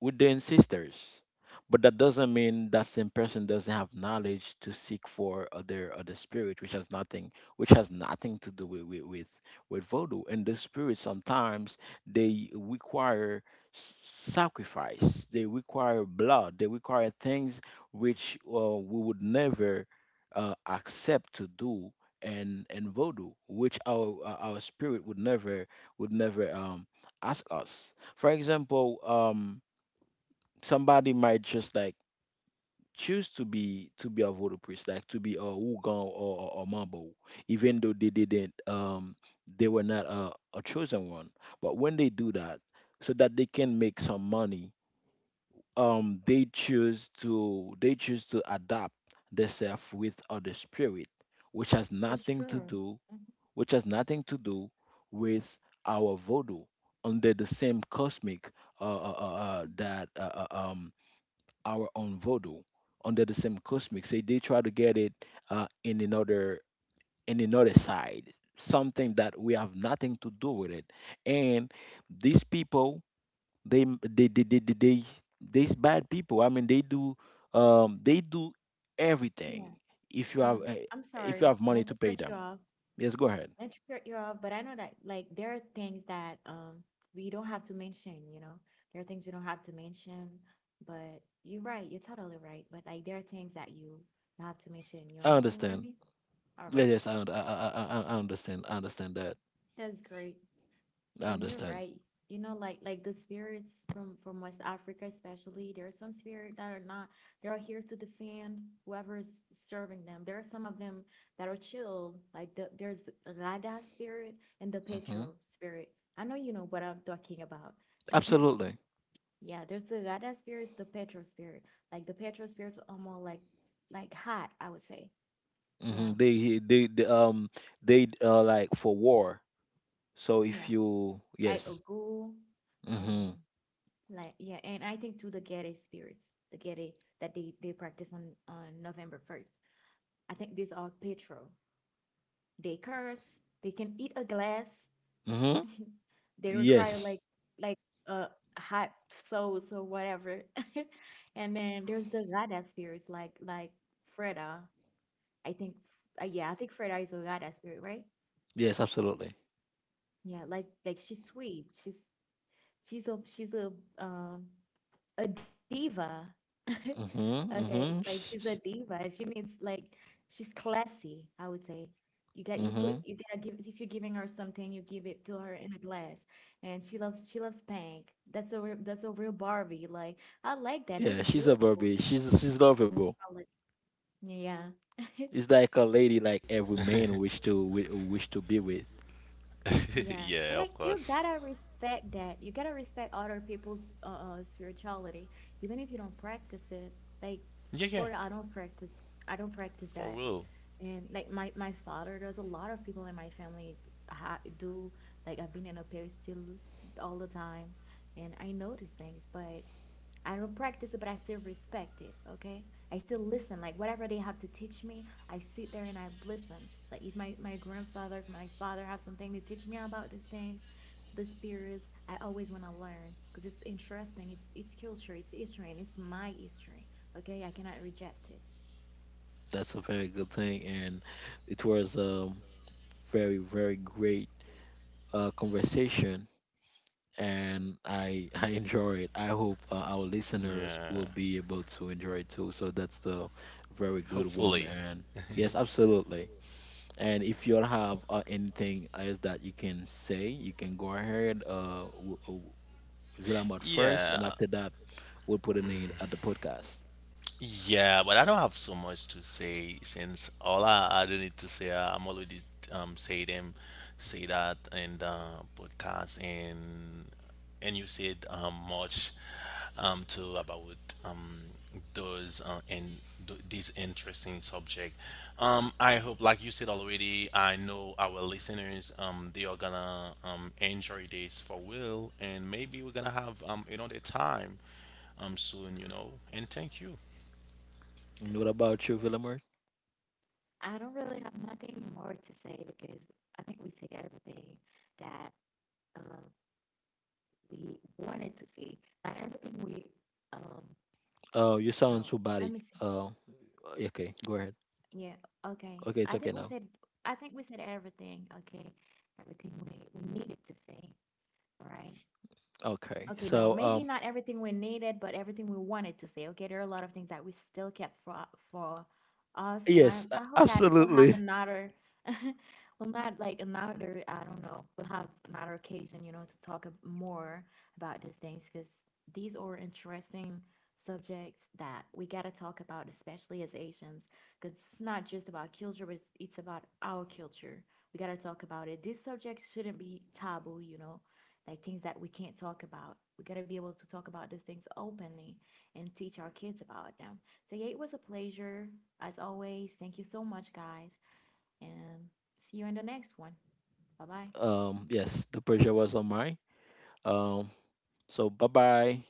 with the ancestors. But that doesn't mean that same person doesn't have knowledge to seek for other other spirit, which has nothing, which has nothing to do with with with, with voodoo. And the spirits sometimes they require, s- sacrifice, they require blood, they require things which, uh, we would never uh, accept to do. And and voodoo, which our uh, our spirit would, never would never um, ask us. For example, um, somebody might just, like, choose to be to be a voodoo priest, like to be a Wugon, or or, or Mambo, even though they didn't um they were not a, a chosen one. But when they do that, so that they can make some money, um they choose to, they choose to adapt themselves with other spirit, which has that's nothing to true. do, Hmm. which has nothing to do with our voodoo under the same cosmic, uh, uh, uh, uh, Hmm. that uh, uh, um our own voodoo under the same cosmic. Say they try to get it, uh, in another, in another side, something that we have nothing to do with it. And these people, they they they they, they, they these bad people. I mean, they do um, they do Yeah. everything. If you have Um, uh, I'm if sorry, you have not money to to cut pay you them, off. yes, go ahead. Not to cut you off, but I know that like there are things that um we don't have to mention, you know. There are things we don't have to mention, but you're right, you're totally right. But like there are things that you have to mention. You I understand what I understand. mean? All Yes, right. Yes, I, und- I, I, I I- I understand. I understand that. That's great. I And you're understand. right. You know, like like the spirits from from West Africa, especially, there are some spirits that are not. They are here to defend whoever is serving them. There are some of them that are chilled. Like the, there's the Rada spirit and the Hmm. Petro spirit. I know you know what I'm talking about. [LAUGHS] Absolutely. Yeah, there's the Rada spirits, the Petro spirit. Like the Petro spirits are more like like hot, I would say. Yeah, Hmm. They, they, they um they uh like for war. So, if yeah. you Like a yes. Um, Mm-hmm. like yeah, and I think to the Gede spirits, the Gede that they they practice on on November first. I think these are petrol. They curse. They can eat a glass. Mm-hmm. [LAUGHS] They require Yes. like like uh hot souls or whatever. [LAUGHS] And then there's the Gada spirits, like like Freda. I think uh, yeah, I think Freda is a Gada spirit, right? Yes, absolutely. Yeah, like like she's sweet. She's she's a she's a um a diva. [LAUGHS] Mm-hmm. Okay, Mm-hmm. like she's a diva. She means like she's classy, I would say. You get you put Mm-hmm. you gotta give if you're giving her something, you give it to her in a glass. And she loves she loves pink. That's a real that's a real Barbie. Like I like that. That's Yeah, she's a beautiful. Barbie. She's It's she's a lovable. beautiful. Like, yeah. [LAUGHS] It's like a lady like every man wish to, wi- wish to be with. [LAUGHS] Yeah, and Yeah, like of you course. gotta respect that. You gotta respect other people's uh, uh spirituality, even if you don't practice it. Like Yeah, yeah. for real, I don't practice, I don't practice For that. real. And like my my father, there's a lot of people in my family ha do like I've been in a parish still all the time, and I know these things, but I don't practice it, but I still respect it. Okay, I still listen. Like whatever they have to teach me, I sit there and I listen. Like if my, my grandfather, if my father have something to teach me about these things, the spirits, I always want to learn because it's interesting. It's it's culture, it's history, and it's my history. Okay, I cannot reject it. That's a very good thing, and it was, um very, very great uh conversation, and I [LAUGHS] I enjoy it. I hope, uh, our listeners Yeah. will be able to enjoy it too. So that's a very good one, Hopefully. and yes, absolutely. And if you all have, uh, anything else that you can say, you can go ahead. Uh, w- w- Villamart first, Yeah. and after that, we'll put an end at the podcast. Yeah, but I don't have so much to say since all I, I do need to say, uh, I'm already um say them, say that in the podcast. and and you said um much um too about um those uh, and th- this interesting subject. Um, I hope like you said already, I know our listeners um they are gonna um enjoy this for will, and maybe we're gonna have um another time um soon, you know. And thank you. And what about you, Villamart? I don't really have nothing more to say because I think we said everything that um, we wanted to see. Not everything we um, Oh, you sound no. Let robotic. me see. Oh, okay, go ahead. Yeah, okay. Okay, it's I okay think we now. said I think we said everything, okay. Everything we, we needed to say, right? Okay, Okay, no, so, maybe um, not everything we needed, but everything we wanted to say. Okay, there are a lot of things that we still kept for for us, and I yes, a- I hope that we'll have absolutely. another, [LAUGHS] well, not like another, I don't know, we'll have another occasion, you know, to talk ab- more about these things because these are interesting subjects that we gotta talk about, especially as Asians, because it's not just about culture, but it's, it's about our culture. We gotta talk about it. These subjects shouldn't be taboo, you know, like things that we can't talk about. We got to be able to talk about these things openly and teach our kids about them. So, yeah, it was a pleasure. As always, thank you so much, guys. And see you in the next one. Bye bye. Um, yes, the pressure was on mine. Um, so bye bye.